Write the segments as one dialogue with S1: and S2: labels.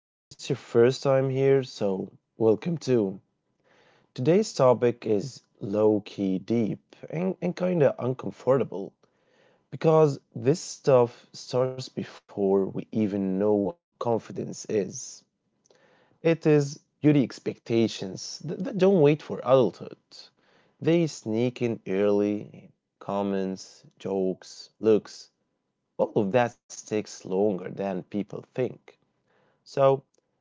S1: And if it's your first time here, so welcome too. Today's topic is low key deep and kind of uncomfortable because this stuff starts before we even know what confidence is. It is beauty expectations that don't wait for adulthood, they sneak in early comments, jokes, looks, all of that takes longer than people think. So,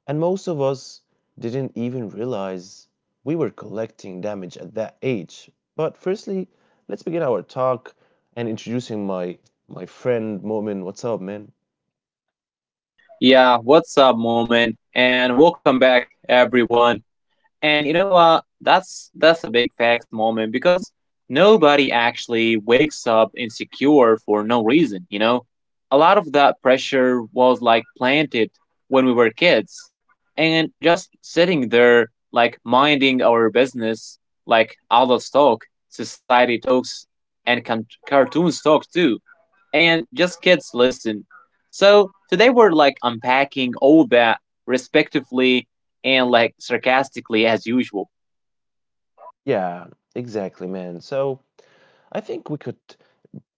S1: and most of us didn't even realize we were collecting damage at that age. But firstly, let's begin our talk and introducing my friend Momin. What's up, man?
S2: Yeah, what's up, moment? And welcome back, everyone. And you know what? That's a big facts moment because nobody actually wakes up insecure for no reason. A lot of that pressure was like planted when we were kids, and just sitting there like minding our business, like adults talk, society talks, and cartoons talk too and just kids listen. So today we're like unpacking all that respectively and like sarcastically as usual.
S1: Yeah, exactly, man. So I think we could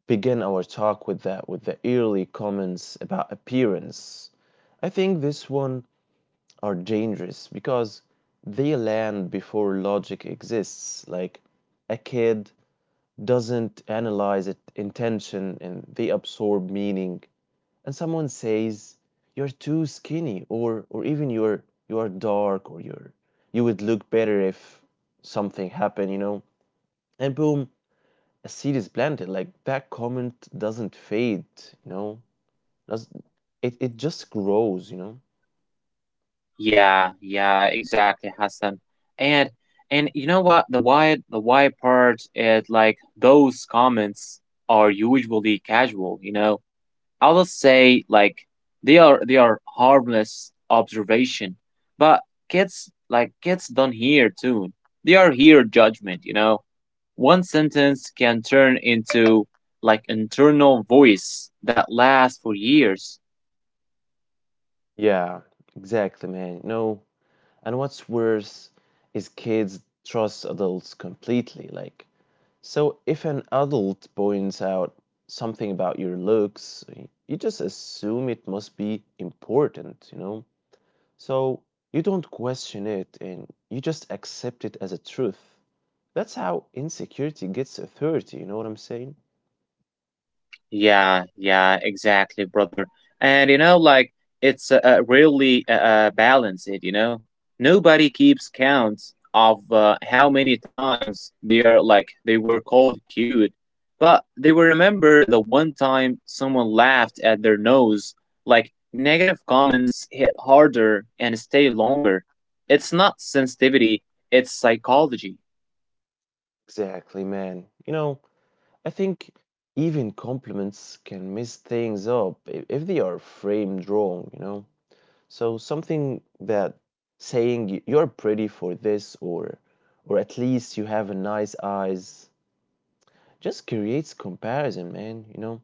S1: begin our talk with the early comments about appearance. I think this one are dangerous because they land before logic exists. Like a kid doesn't analyze it intention, and they absorb meaning. And someone says you're too skinny, or even you are dark, or you would look better if something happened, you know. And boom, a seed is planted. Like that comment doesn't fade, you know. Does it just grows, you know?
S2: Yeah, yeah, exactly, Hassan. And and you know what? The why part is like those comments are usually casual, you know. I'll just say like they are harmless observation. But kids like kids don't hear tune. They are here judgment, you know. One sentence can turn into like internal voice that lasts for years.
S1: Yeah, exactly, man. And what's worse is kids trust adults completely. Like, so if an adult points out something about your looks, you just assume it must be important, you know? So you don't question it and you just accept it as a truth. That's how insecurity gets authority, you know what I'm saying?
S2: Yeah, yeah, exactly, brother. And you know, like it's really balanced. You know, nobody keeps count of how many times they are like they were called cute, but they will remember the one time someone laughed at their nose. Like negative comments hit harder and stay longer. It's not sensitivity; it's psychology.
S1: Exactly, man. I think even compliments can mess things up, if they are framed wrong, you know? So something that saying you're pretty for this, or at least you have a nice eyes, just creates comparison, man, you know?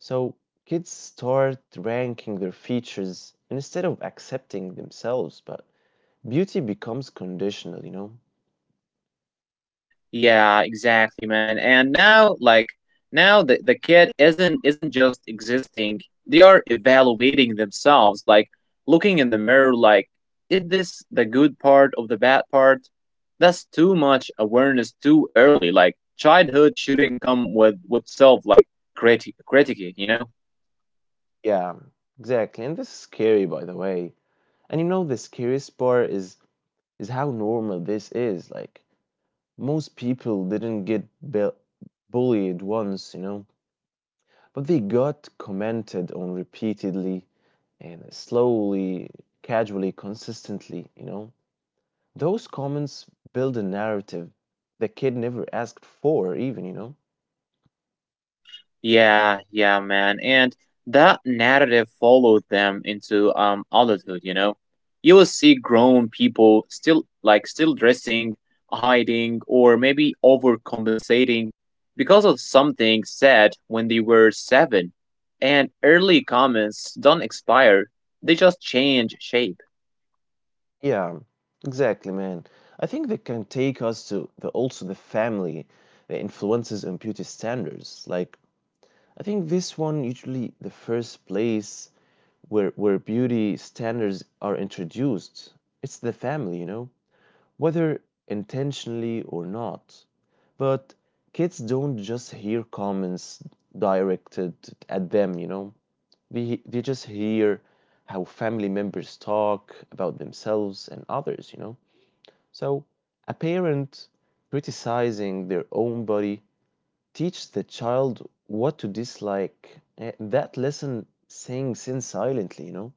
S1: So kids start ranking their features instead of accepting themselves, but beauty becomes conditional, you know?
S2: Yeah, exactly, man. And now, like now, the kid isn't just existing. They are evaluating themselves, like looking in the mirror, like is this the good part of the bad part? That's too much awareness too early. Like childhood shouldn't come with self like critique, you know.
S1: Yeah, exactly. And this is scary, by the way. And you know the scariest part is how normal this is. Like most people didn't get bullied once, you know? But they got commented on repeatedly and slowly, casually, consistently, you know. Those comments build a narrative the kid never asked for, even, you know.
S2: Yeah, yeah, man. And that narrative followed them into adulthood, you know. You will see grown people still dressing, hiding, or maybe overcompensating because of something said when they were seven. And early comments don't expire, they just change shape.
S1: Yeah, exactly, man. I think they can take us to the also the family, the influences and beauty standards. Like I think this one usually the first place where beauty standards are introduced. It's the family, you know, whether intentionally or not. But kids don't just hear comments directed at them, you know. They just hear how family members talk about themselves and others, you know. So a parent criticizing their own body teaches the child what to dislike. That lesson sinks in silently, you know.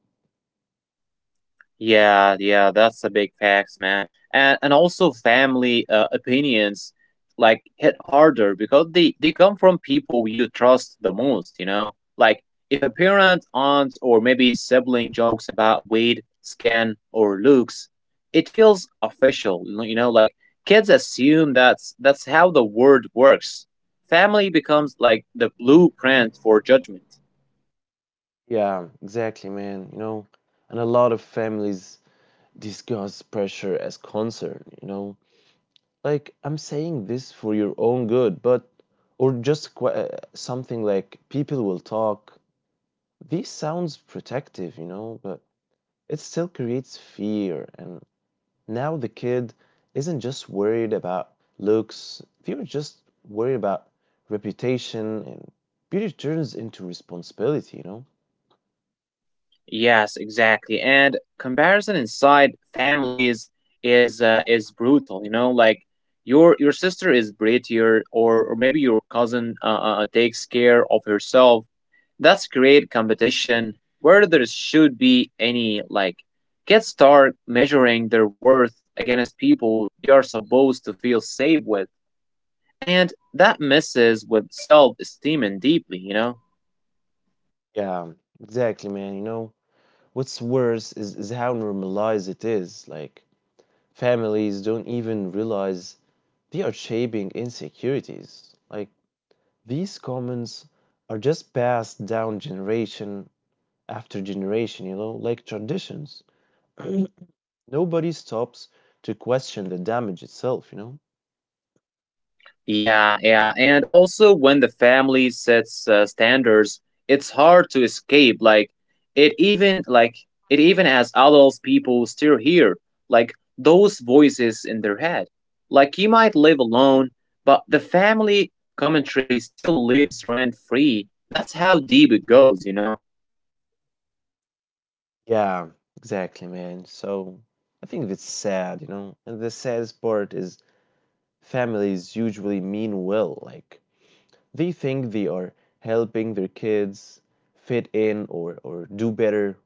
S2: Yeah, yeah, that's a big facts, man. And also family opinions like hit harder because they come from people you trust the most, you know? Like if a parent, aunt or maybe sibling jokes about weight, skin or looks, it feels official, you know, like kids assume that's how the world works. Family becomes like the blueprint for judgment.
S1: Yeah, exactly, man. And a lot of families discuss pressure as concern, you know? Like, I'm saying this for your own good, but, or just something like people will talk. This sounds protective, you know, but it still creates fear. And now the kid isn't just worried about looks, they're just worried about reputation, and beauty turns into responsibility, you know?
S2: Yes, exactly. And comparison inside families is brutal. You know, like your sister is prettier, or maybe your cousin takes care of herself. That's great competition. Where there should be any like, kids start measuring their worth against people they are supposed to feel safe with, and that messes with self esteem and deeply. You know.
S1: Yeah, exactly, man, you know? What's worse is how normalized it is. Like, families don't even realize they are shaping insecurities. Like these comments are just passed down generation after generation, you know, like traditions. Nobody stops to question the damage itself, you know?
S2: Yeah, yeah. And also, when the family sets standards, it's hard to escape. Like, it even as adults, people still hear, like, those voices in their head. Like, you might live alone, but the family commentary still lives rent free. That's how deep it goes, you know?
S1: Yeah, exactly, man. So I think it's sad, you know? And the saddest part is families usually mean well. Like they think they are helping their kids fit in, or do better.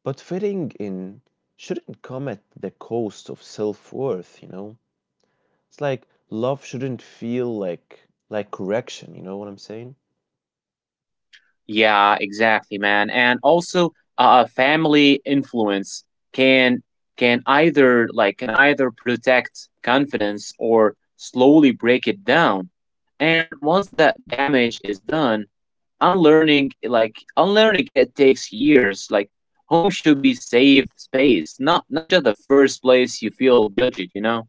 S1: But fitting in shouldn't come at the cost of self worth, you know? It's like love shouldn't feel like correction, you know what I'm saying?
S2: Yeah, exactly, man. And also, family influence can can either like can either protect confidence or slowly break it down. And once that damage is done, unlearning it takes years. Like home should be safe space, not just the first place you feel judged, you know?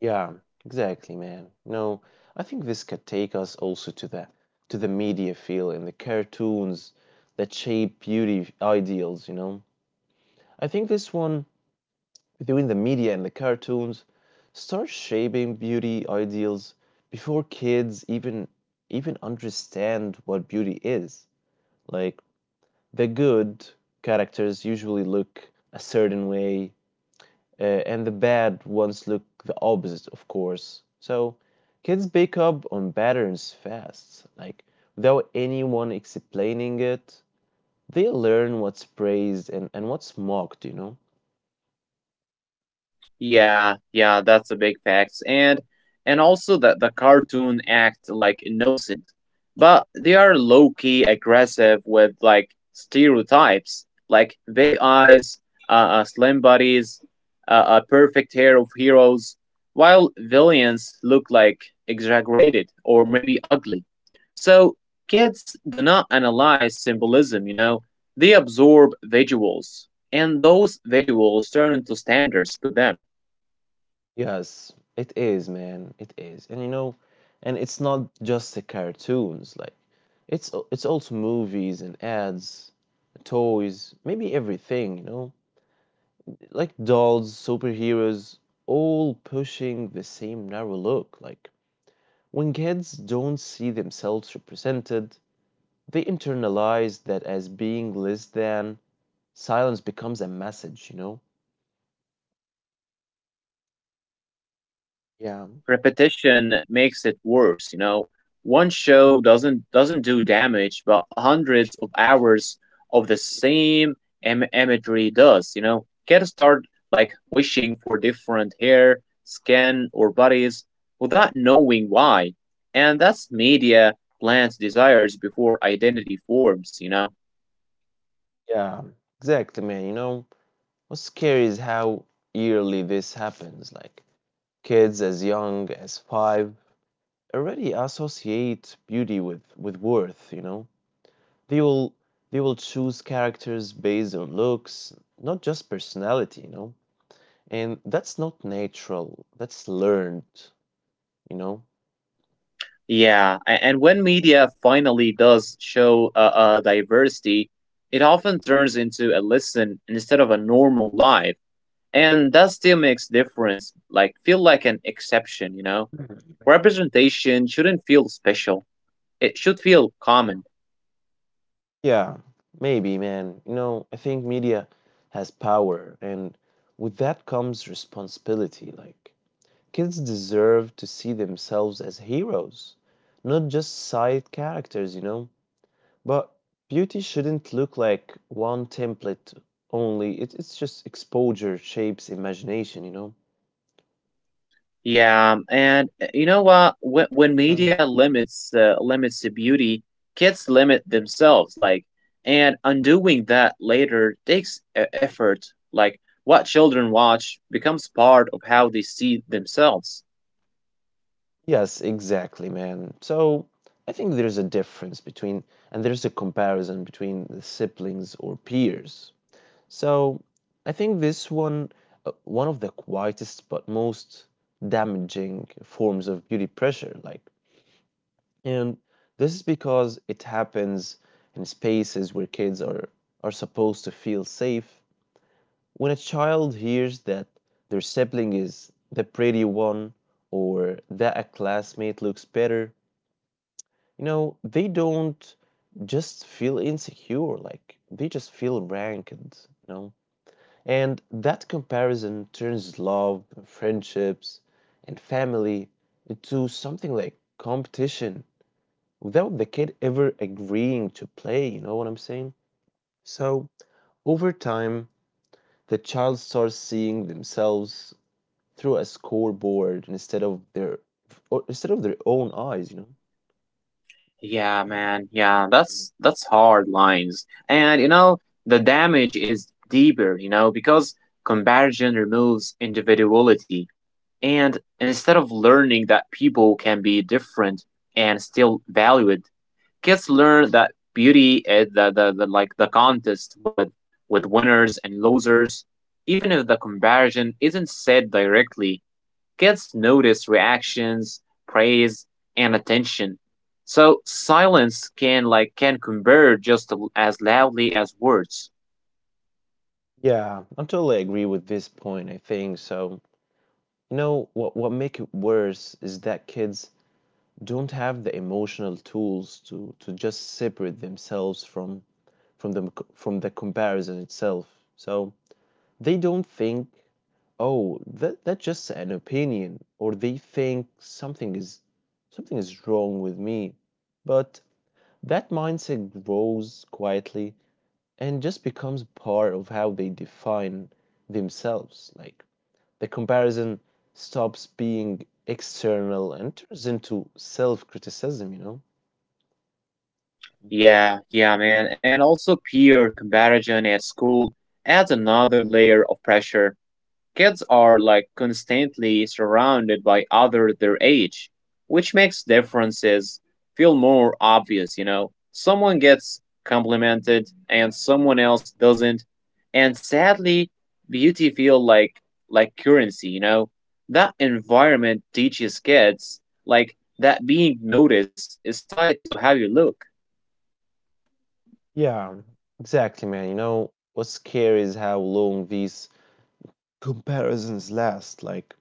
S1: Yeah, exactly, man. No, I think this could take us also to the media field and the cartoons that shape beauty ideals, you know? I think this one, between the media and the cartoons, starts shaping beauty ideals before kids even understand what beauty is. Like the good characters usually look a certain way, uh, and the bad ones look the opposite, of course. So kids pick up on patterns fast, like, without anyone explaining it, they learn what's praised and what's mocked, you know.
S2: Yeah, yeah, that's a big fact. And also that the cartoon act like innocent, but they are low key aggressive with like stereotypes, like big eyes, slim bodies, a perfect hair of heroes, while villains look like exaggerated or maybe ugly. So kids do not analyze symbolism, you know, they absorb visuals, and those visuals turn into standards to them.
S1: Yes, it is, man, it is. And you know, and it's not just the cartoons, like it's it's also movies and ads, toys, maybe everything, you know, like dolls, superheroes, all pushing the same narrow look. Like when kids don't see themselves represented, they internalize that as being less than. Silence becomes a message, you know?
S2: Yes, exactly. And like
S1: Yeah,
S2: repetition makes it worse, you know. One show doesn't do damage, but hundreds of hours of the same imagery does, you know. Kids start like wishing for different hair, skin, or bodies without knowing why. And that's media plants desires before identity forms, you know.
S1: yeah, exactly, man. You know, what's scary is how yearly this happens. Like kids as young as five already associate beauty with worth, you know? They will they will choose characters based on looks, not just personality, you know? And that's not natural. That's learned, you know?
S2: Yeah, and when media finally does show diversity, it often turns into a lesson instead of a normal life, and that still makes difference. Like feel like an exception, you know. Representation shouldn't feel special; it should feel common.
S1: Yeah, maybe, man. You know, I think media has power, and with that comes responsibility. Like, kids deserve to see themselves as heroes, not just side characters, you know? But beauty shouldn't look like one template only. It's just exposure shapes imagination, you know?
S2: Yeah, and you know what? When
S1: Mm.
S2: media limits limits the beauty, kids limit themselves. Like, and undoing that later takes effort. Like, what children watch becomes part of how they see themselves.
S1: Yes, exactly, man. So I think there's a comparison between the siblings or peers. So I think this one, one of the quietest but most damaging forms of beauty pressure. Like, and this is because it happens in spaces where kids are supposed to feel safe. When a child hears that their sibling is the pretty one, or that a classmate looks better, you know, they don't just feel insecure, like they just feel ranked, you know. And that comparison turns love, friendships, and family into something like competition without the kid ever agreeing to play, you know what I'm saying? So, over time, the child starts seeing themselves through a scoreboard instead of their own eyes, you know.
S2: Yeah, man. Yeah, that's hard lines. And you know, the damage is deeper. You know, because comparison removes individuality. And instead of learning that people can be different and still valued, kids learn that beauty is the contest with winners and losers. Even if the comparison isn't said directly, kids notice reactions, praise, and attention. So silence can like can convert just as loudly as words.
S1: Yeah, I totally agree with this point, I think. So, you know, what make it worse is that kids don't have the emotional tools to just separate themselves from the comparison itself. So, they don't think, oh, that's just an opinion, or they think something is wrong with me. But that mindset grows quietly and just becomes part of how they define themselves. Like the comparison stops being external and turns into self-criticism, you know?
S2: Yeah, yeah, man. And also peer comparison at school adds another layer of pressure. Kids are like constantly surrounded by other their age, which makes differences feel more obvious, you know. Someone gets complimented and someone else doesn't. And sadly, beauty feel like currency, you know. That environment teaches kids like that being noticed is tied to how you look.
S1: Yeah, exactly, man. You know, what's scary is how long these comparisons last. Like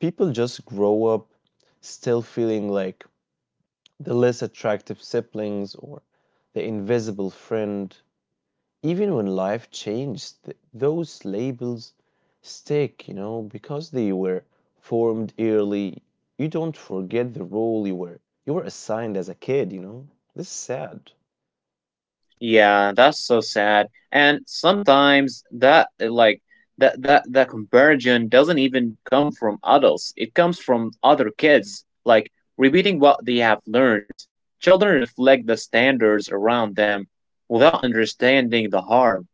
S1: people just grow up still feeling like the less attractive siblings or the invisible friend. Even when life changed, those labels stick, you know, because they were formed early. You don't forget the role you were assigned as a kid, you know. This is sad.
S2: Yeah, that's so sad. And sometimes that that comparison doesn't even come from adults. It comes from other kids, like repeating what they have learned. Children reflect the standards around them without understanding the harm,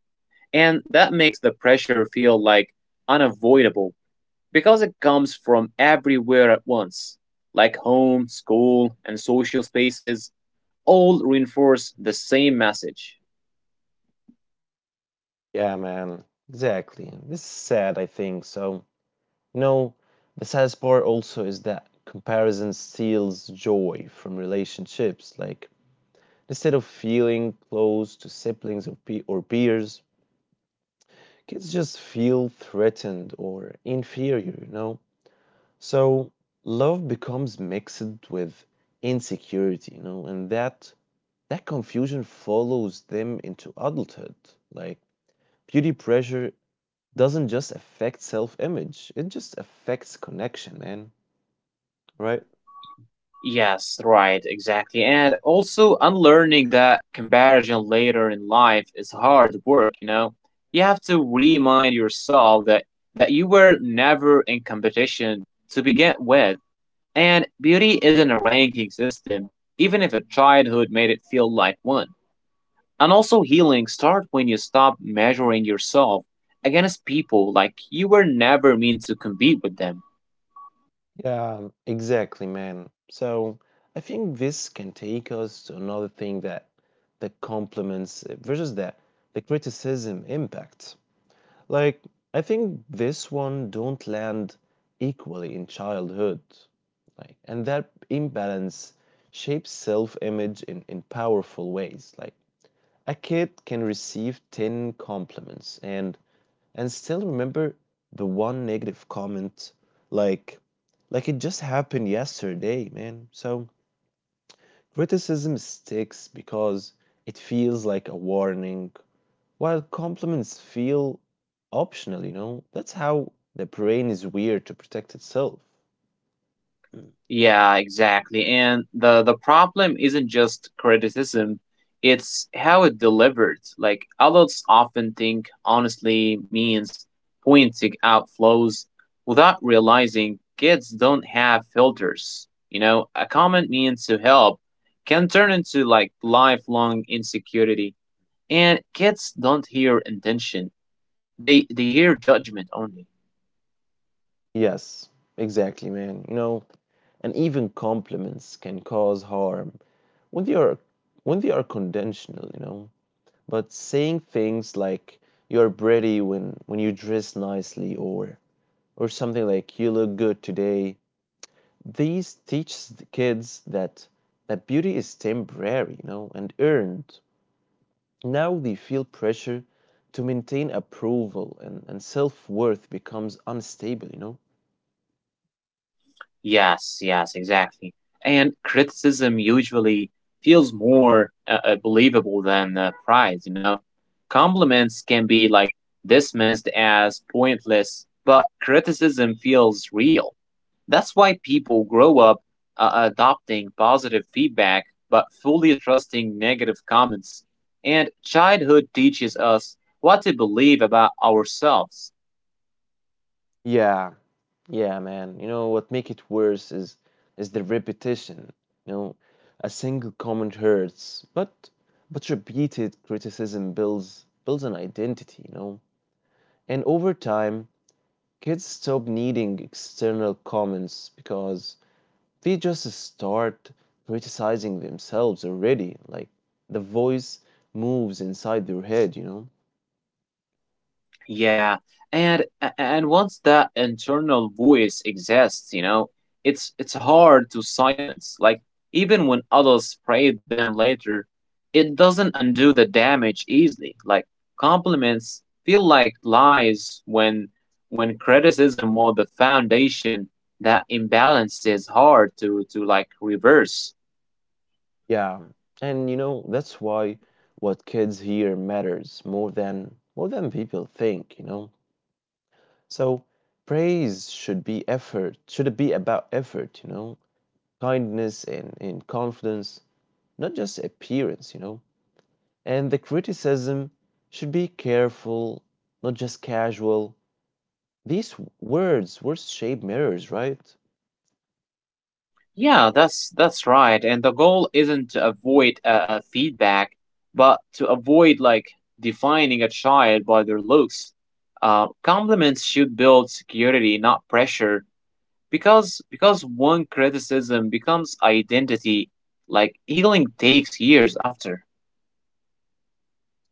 S2: and that makes the pressure feel like unavoidable because it comes from everywhere at once, like home, school, and social spaces all reinforce the same message.
S1: Yeah, man. Exactly. This is sad, I think. No, the saddest part also is that comparison steals joy from relationships. Like, instead of feeling close to siblings, or peers, kids just feel threatened or inferior, you know? So, love becomes mixed with insecurity, you know, and that confusion follows them into adulthood. Like, beauty pressure doesn't just affect self-image, it just affects connection, man, right?
S2: Yes, right, exactly. And also, unlearning that comparison later in life is hard work, you know? You have to remind yourself that you were never in competition to begin with. And beauty isn't a ranking system, even if a childhood made it feel like one. And also, healing starts when you stop measuring yourself against people like you were never meant to compete with them.
S1: Yeah, exactly, man. So I think this can take us to another thing, that the compliments versus that the criticism impact. Like I think this one don't land equally in childhood. Like, and that imbalance shapes self-image in powerful ways. Like a kid can receive 10 compliments and still remember the one negative comment, like like it just happened yesterday, man. So criticism sticks because it feels like a warning, while compliments feel optional, you know? That's how the brain is weird to protect itself. Mm.
S2: Yeah, exactly. And the problem isn't just criticism, it's how it delivered. Like adults often think honestly means pointing out flaws without realizing kids don't have filters. You know, a comment means to help can turn into like lifelong insecurity. And kids don't hear intention. They hear judgment only.
S1: Yes, exactly, man. You know, and even compliments can cause harm when they are when they are conventional, you know. But saying things like you're pretty when you dress nicely, or something like you look good today, these teach the kids that beauty is temporary, you know, and earned. Now they feel pressure to maintain approval, and self-worth becomes unstable, you know.
S2: Yes, yes, exactly. And criticism usually feels more believable than praise, you know? Compliments can be like dismissed as pointless, but criticism feels real. That's why people grow up adopting positive feedback but fully trusting negative comments. And childhood teaches us what to believe about ourselves.
S1: Yeah, yeah, man. You know what make it worse is the repetition. You know, a single comment hurts, but repeated criticism builds an identity, you know. And over time, kids stop needing external comments because they just start criticizing themselves already. Like the voice moves inside their head, you know.
S2: Yeah, and and once that internal voice exists, you know, it's hard to silence. Like even when others praise them later, it doesn't undo the damage easily. Like compliments feel like lies when criticism was the foundation that imbalance is hard to reverse.
S1: Yeah, and you know that's why what kids hear matters more than people think, you know. So praise should it be about effort, you know, kindness and confidence, not just appearance, you know. And the criticism should be careful, not just casual. These words shape mirrors, right?
S2: Yeah, that's right. And the goal isn't to avoid feedback, but to avoid like defining a child by their looks. Compliments should build security, not pressure, because one criticism becomes identity. Like healing takes years after.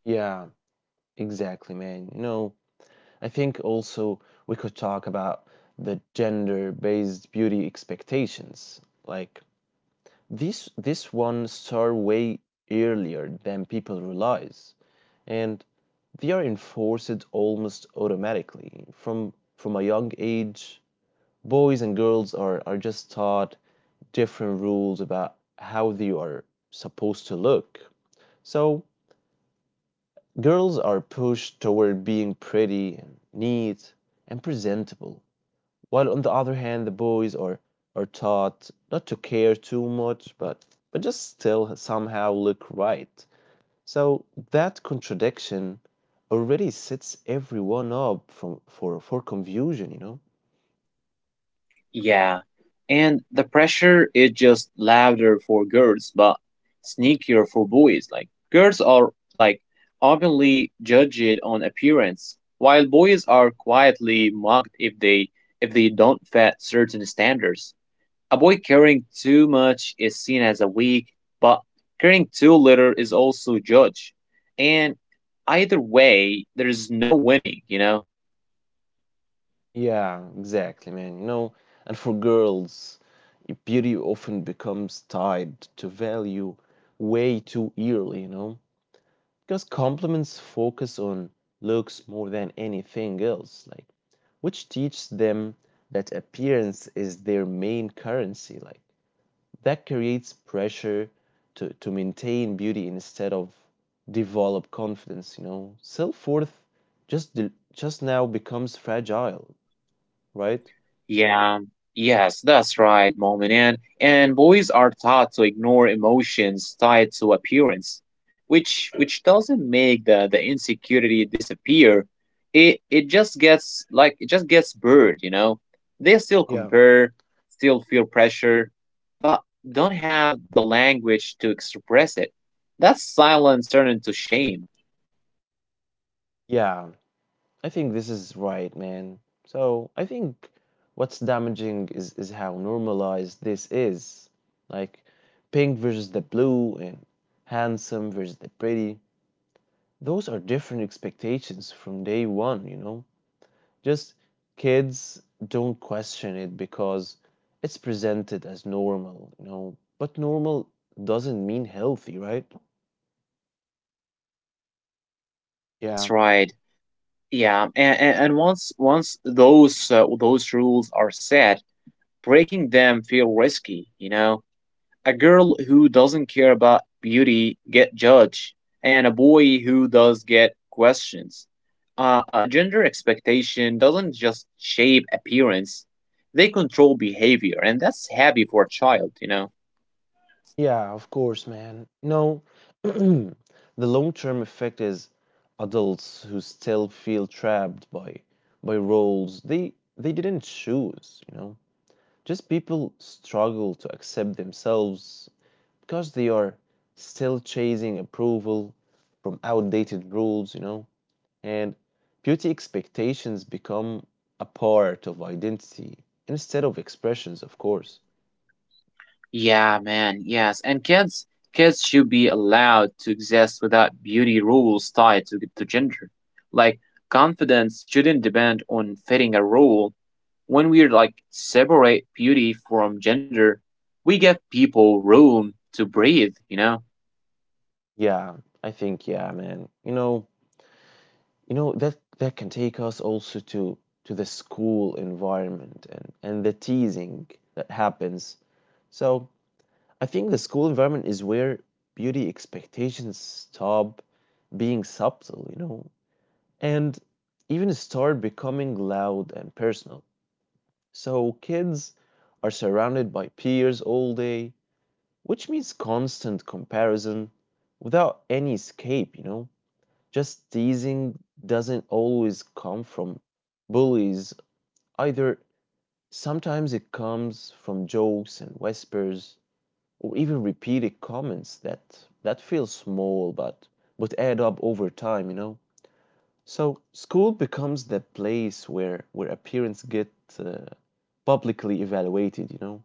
S1: Yeah, exactly, man. You know, I think also we could talk about the gender-based beauty expectations. Like this one start way earlier than people realize, and they are enforced almost automatically. From a young age, boys and girls are just taught different rules about how they are supposed to look. So girls are pushed toward being pretty and neat and presentable, while on the other hand the boys are taught not to care too much, but just still somehow look right. So that contradiction already sets everyone up from for confusion, you know?
S2: Yeah, and the pressure is just louder for girls, but sneakier for boys. Like girls are like openly judged on appearance, while boys are quietly mocked if they don't fit certain standards. A boy caring too much is seen as a weak, but caring too little is also judged. And either way, there is no winning, you know.
S1: Yeah, exactly, man. And for girls, beauty often becomes tied to value way too early, you know? Because compliments focus on looks more than anything else. Like, which teaches them that appearance is their main currency. Like, that creates pressure to maintain beauty instead of develop confidence, self-worth just now becomes fragile, right?
S2: Yeah, yes, that's right, Mom and Ann. And boys are taught to ignore emotions tied to appearance, which doesn't make the insecurity disappear. It just gets like it just gets blurred, you know. They still
S1: Yeah.
S2: compare, still feel
S1: Mhm.
S2: pressure, but don't have the language to express it. That's silence turned into shame.
S1: Yeah, I think this is right, man. So I think what's damaging is how normalized this is. Like, pink versus the blue, and handsome versus the pretty, those are different expectations from day one, you know? Just, kids don't question it because it's presented as normal, you know? But normal doesn't mean healthy, right?
S2: Yeah, that's
S1: Yeah.
S2: right. Yeah, and once those rules are set, breaking them feel risky, you know. A girl who doesn't care about beauty get judged, and a boy who does get questions. Gender expectation doesn't just shape appearance; they control behavior, and that's heavy for a child, you know.
S1: Yeah, of course, man. No, the long-term effect is adults who still feel trapped by roles they didn't choose, you know. Just, people struggle to accept themselves because they are still chasing approval from outdated rules, you know, and beauty expectations become a part of identity instead of expressions, of course.
S2: Yeah, man, yes. And kids should be allowed to exist without beauty rules tied to gender. Like confidence shouldn't depend on fitting a rule when we like separate beauty from gender, we give people room to breathe, you know?
S1: Yeah, I think, yeah, man. You know, that that can take us also to the school environment and the teasing that happens. So, I think the school environment is where beauty expectations stop being subtle, you know, and even start becoming loud and personal. So kids are surrounded by peers all day, which means constant comparison without any escape, you know? Just, teasing doesn't always come from bullies either. Sometimes it comes from jokes and whispers, or even repeated comments that that feel small but add up over time, you know? So school becomes the place where appearance get uh, publicly evaluated, you know?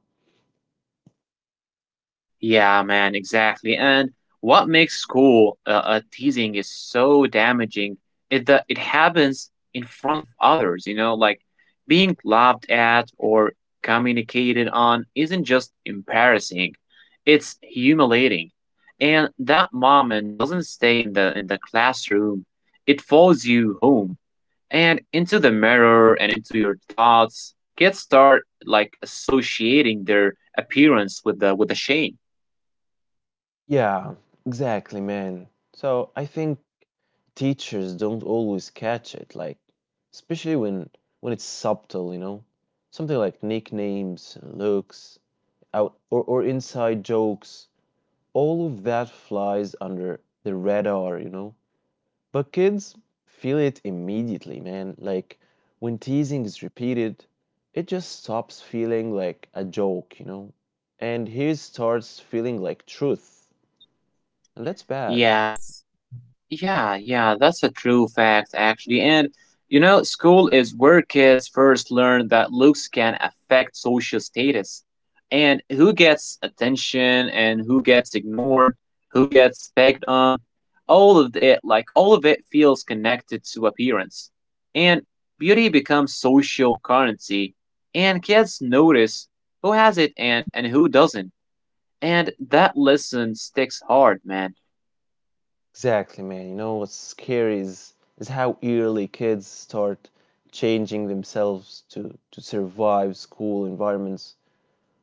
S2: Yeah, man, exactly. And what makes school teasing is so damaging is that it happens in front of others, you know, like being laughed at or communicated on isn't just embarrassing, it's humiliating. And that moment doesn't stay in the classroom. It follows you home and into the mirror and into your thoughts kids start like associating their appearance with the shame.
S1: Yeah, exactly, man. So I think teachers don't always catch it, like, especially when it's subtle, you know? Something like nicknames, looks out, or inside jokes, all of that flies under the radar, you know? But kids feel it immediately, man. Like, when teasing is repeated, it just stops feeling like a joke, you know, and here starts feeling like truth. And that's bad.
S2: Yes. Yeah, yeah, that's a true fact, actually. And, you know, school is where kids first learn that looks can affect social status and who gets attention and who gets ignored, who gets picked on. All of it, like, all of it feels connected to appearance. And beauty becomes social currency, and kids notice who has it and who doesn't. And that lesson sticks hard, man.
S1: Exactly, man. You know what's scary is how early kids start changing themselves to survive school environments.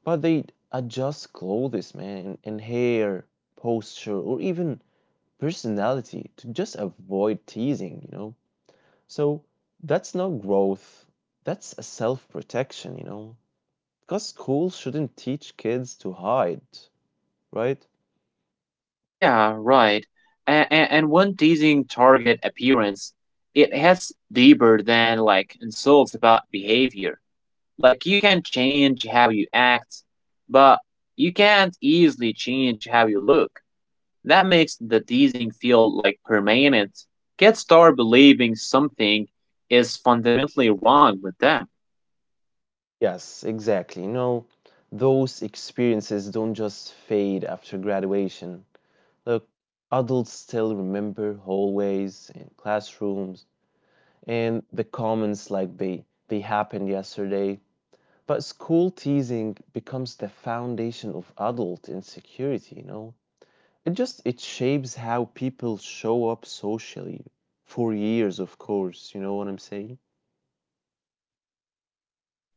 S1: But they adjust clothes, man, and hair, posture, or even personality to just avoid teasing, you know? So that's not growth, that's a self protection, you know, because school shouldn't teach kids to hide, right?
S2: Yeah, right. And when teasing target appearance, it hits deeper than like insults about behavior. Like you can change how you act, but you can't easily change how you look. That makes the teasing feel like permanent. Kids start believing something is fundamentally wrong with them.
S1: Yes, exactly. No, those experiences don't just fade after graduation. Look, adults still remember hallways and classrooms and the comments like they happened yesterday. But school teasing becomes the foundation of adult insecurity, you know? It just it shapes how people show up socially for years, of course. You know what I'm saying?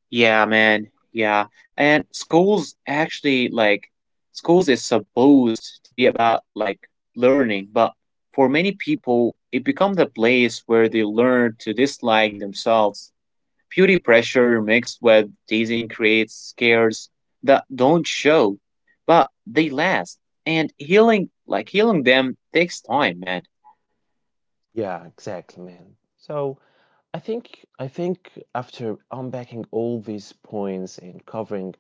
S2: Yeah, man. Yeah. And schools actually like schools is supposed to be about like learning, but for many people it becomes a place where they learn to dislike themselves. Beauty pressure mixed with teasing creates scares that don't show, but they last. And healing, like healing them, takes time, man.
S1: Yeah, exactly, man. So I think after unpacking all these points and covering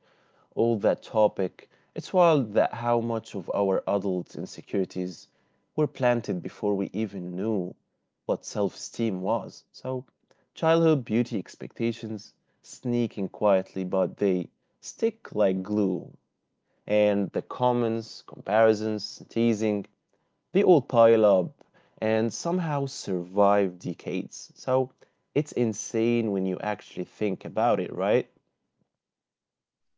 S1: all that topic, it's wild that how much of our adult insecurities were planted before we even knew what self-esteem was. So childhood beauty expectations sneak in quietly, but they stick like glue, and the comments, comparisons, teasing, they all pile up and somehow survive decades. So it's insane when you actually think about it, right?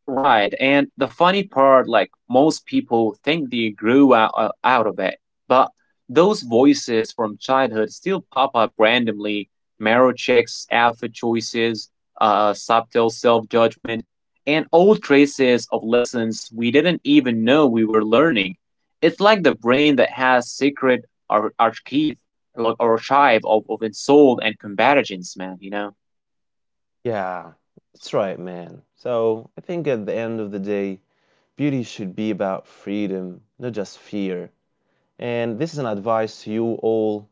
S2: Right. And the funny part, like most people think they grew out, out of it, but those voices from childhood still pop up randomly. Marrow checks, outfit choices, subtle self judgment, and old traces of lessons we didn't even know we were learning. It's like the brain that has secret archive, like archive of insult and combatitions, man. You know.
S1: Yeah, that's right, man. So I think at the end of the day, beauty should be about freedom, not just fear. And this is an advice to you all,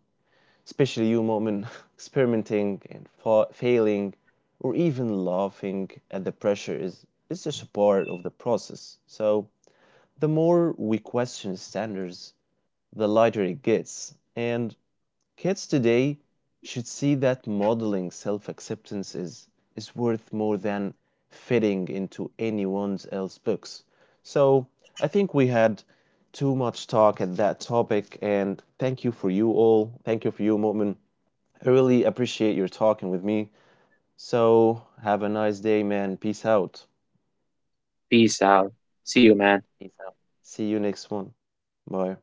S1: especially you, Mu'min, experimenting and failing or even laughing at the pressure is just a part of the process. So the more we question standards, the lighter it gets. And kids today should see that modeling self acceptance is worth more than fitting into anyone else's books. So I think we had too much talk at that topic, and thank you for you all. Thank you for you, Mu'min. I really appreciate your talking with me. So, have a nice day, man. Peace out.
S2: Peace out. See you, man.
S1: Peace out. See you next one. Bye.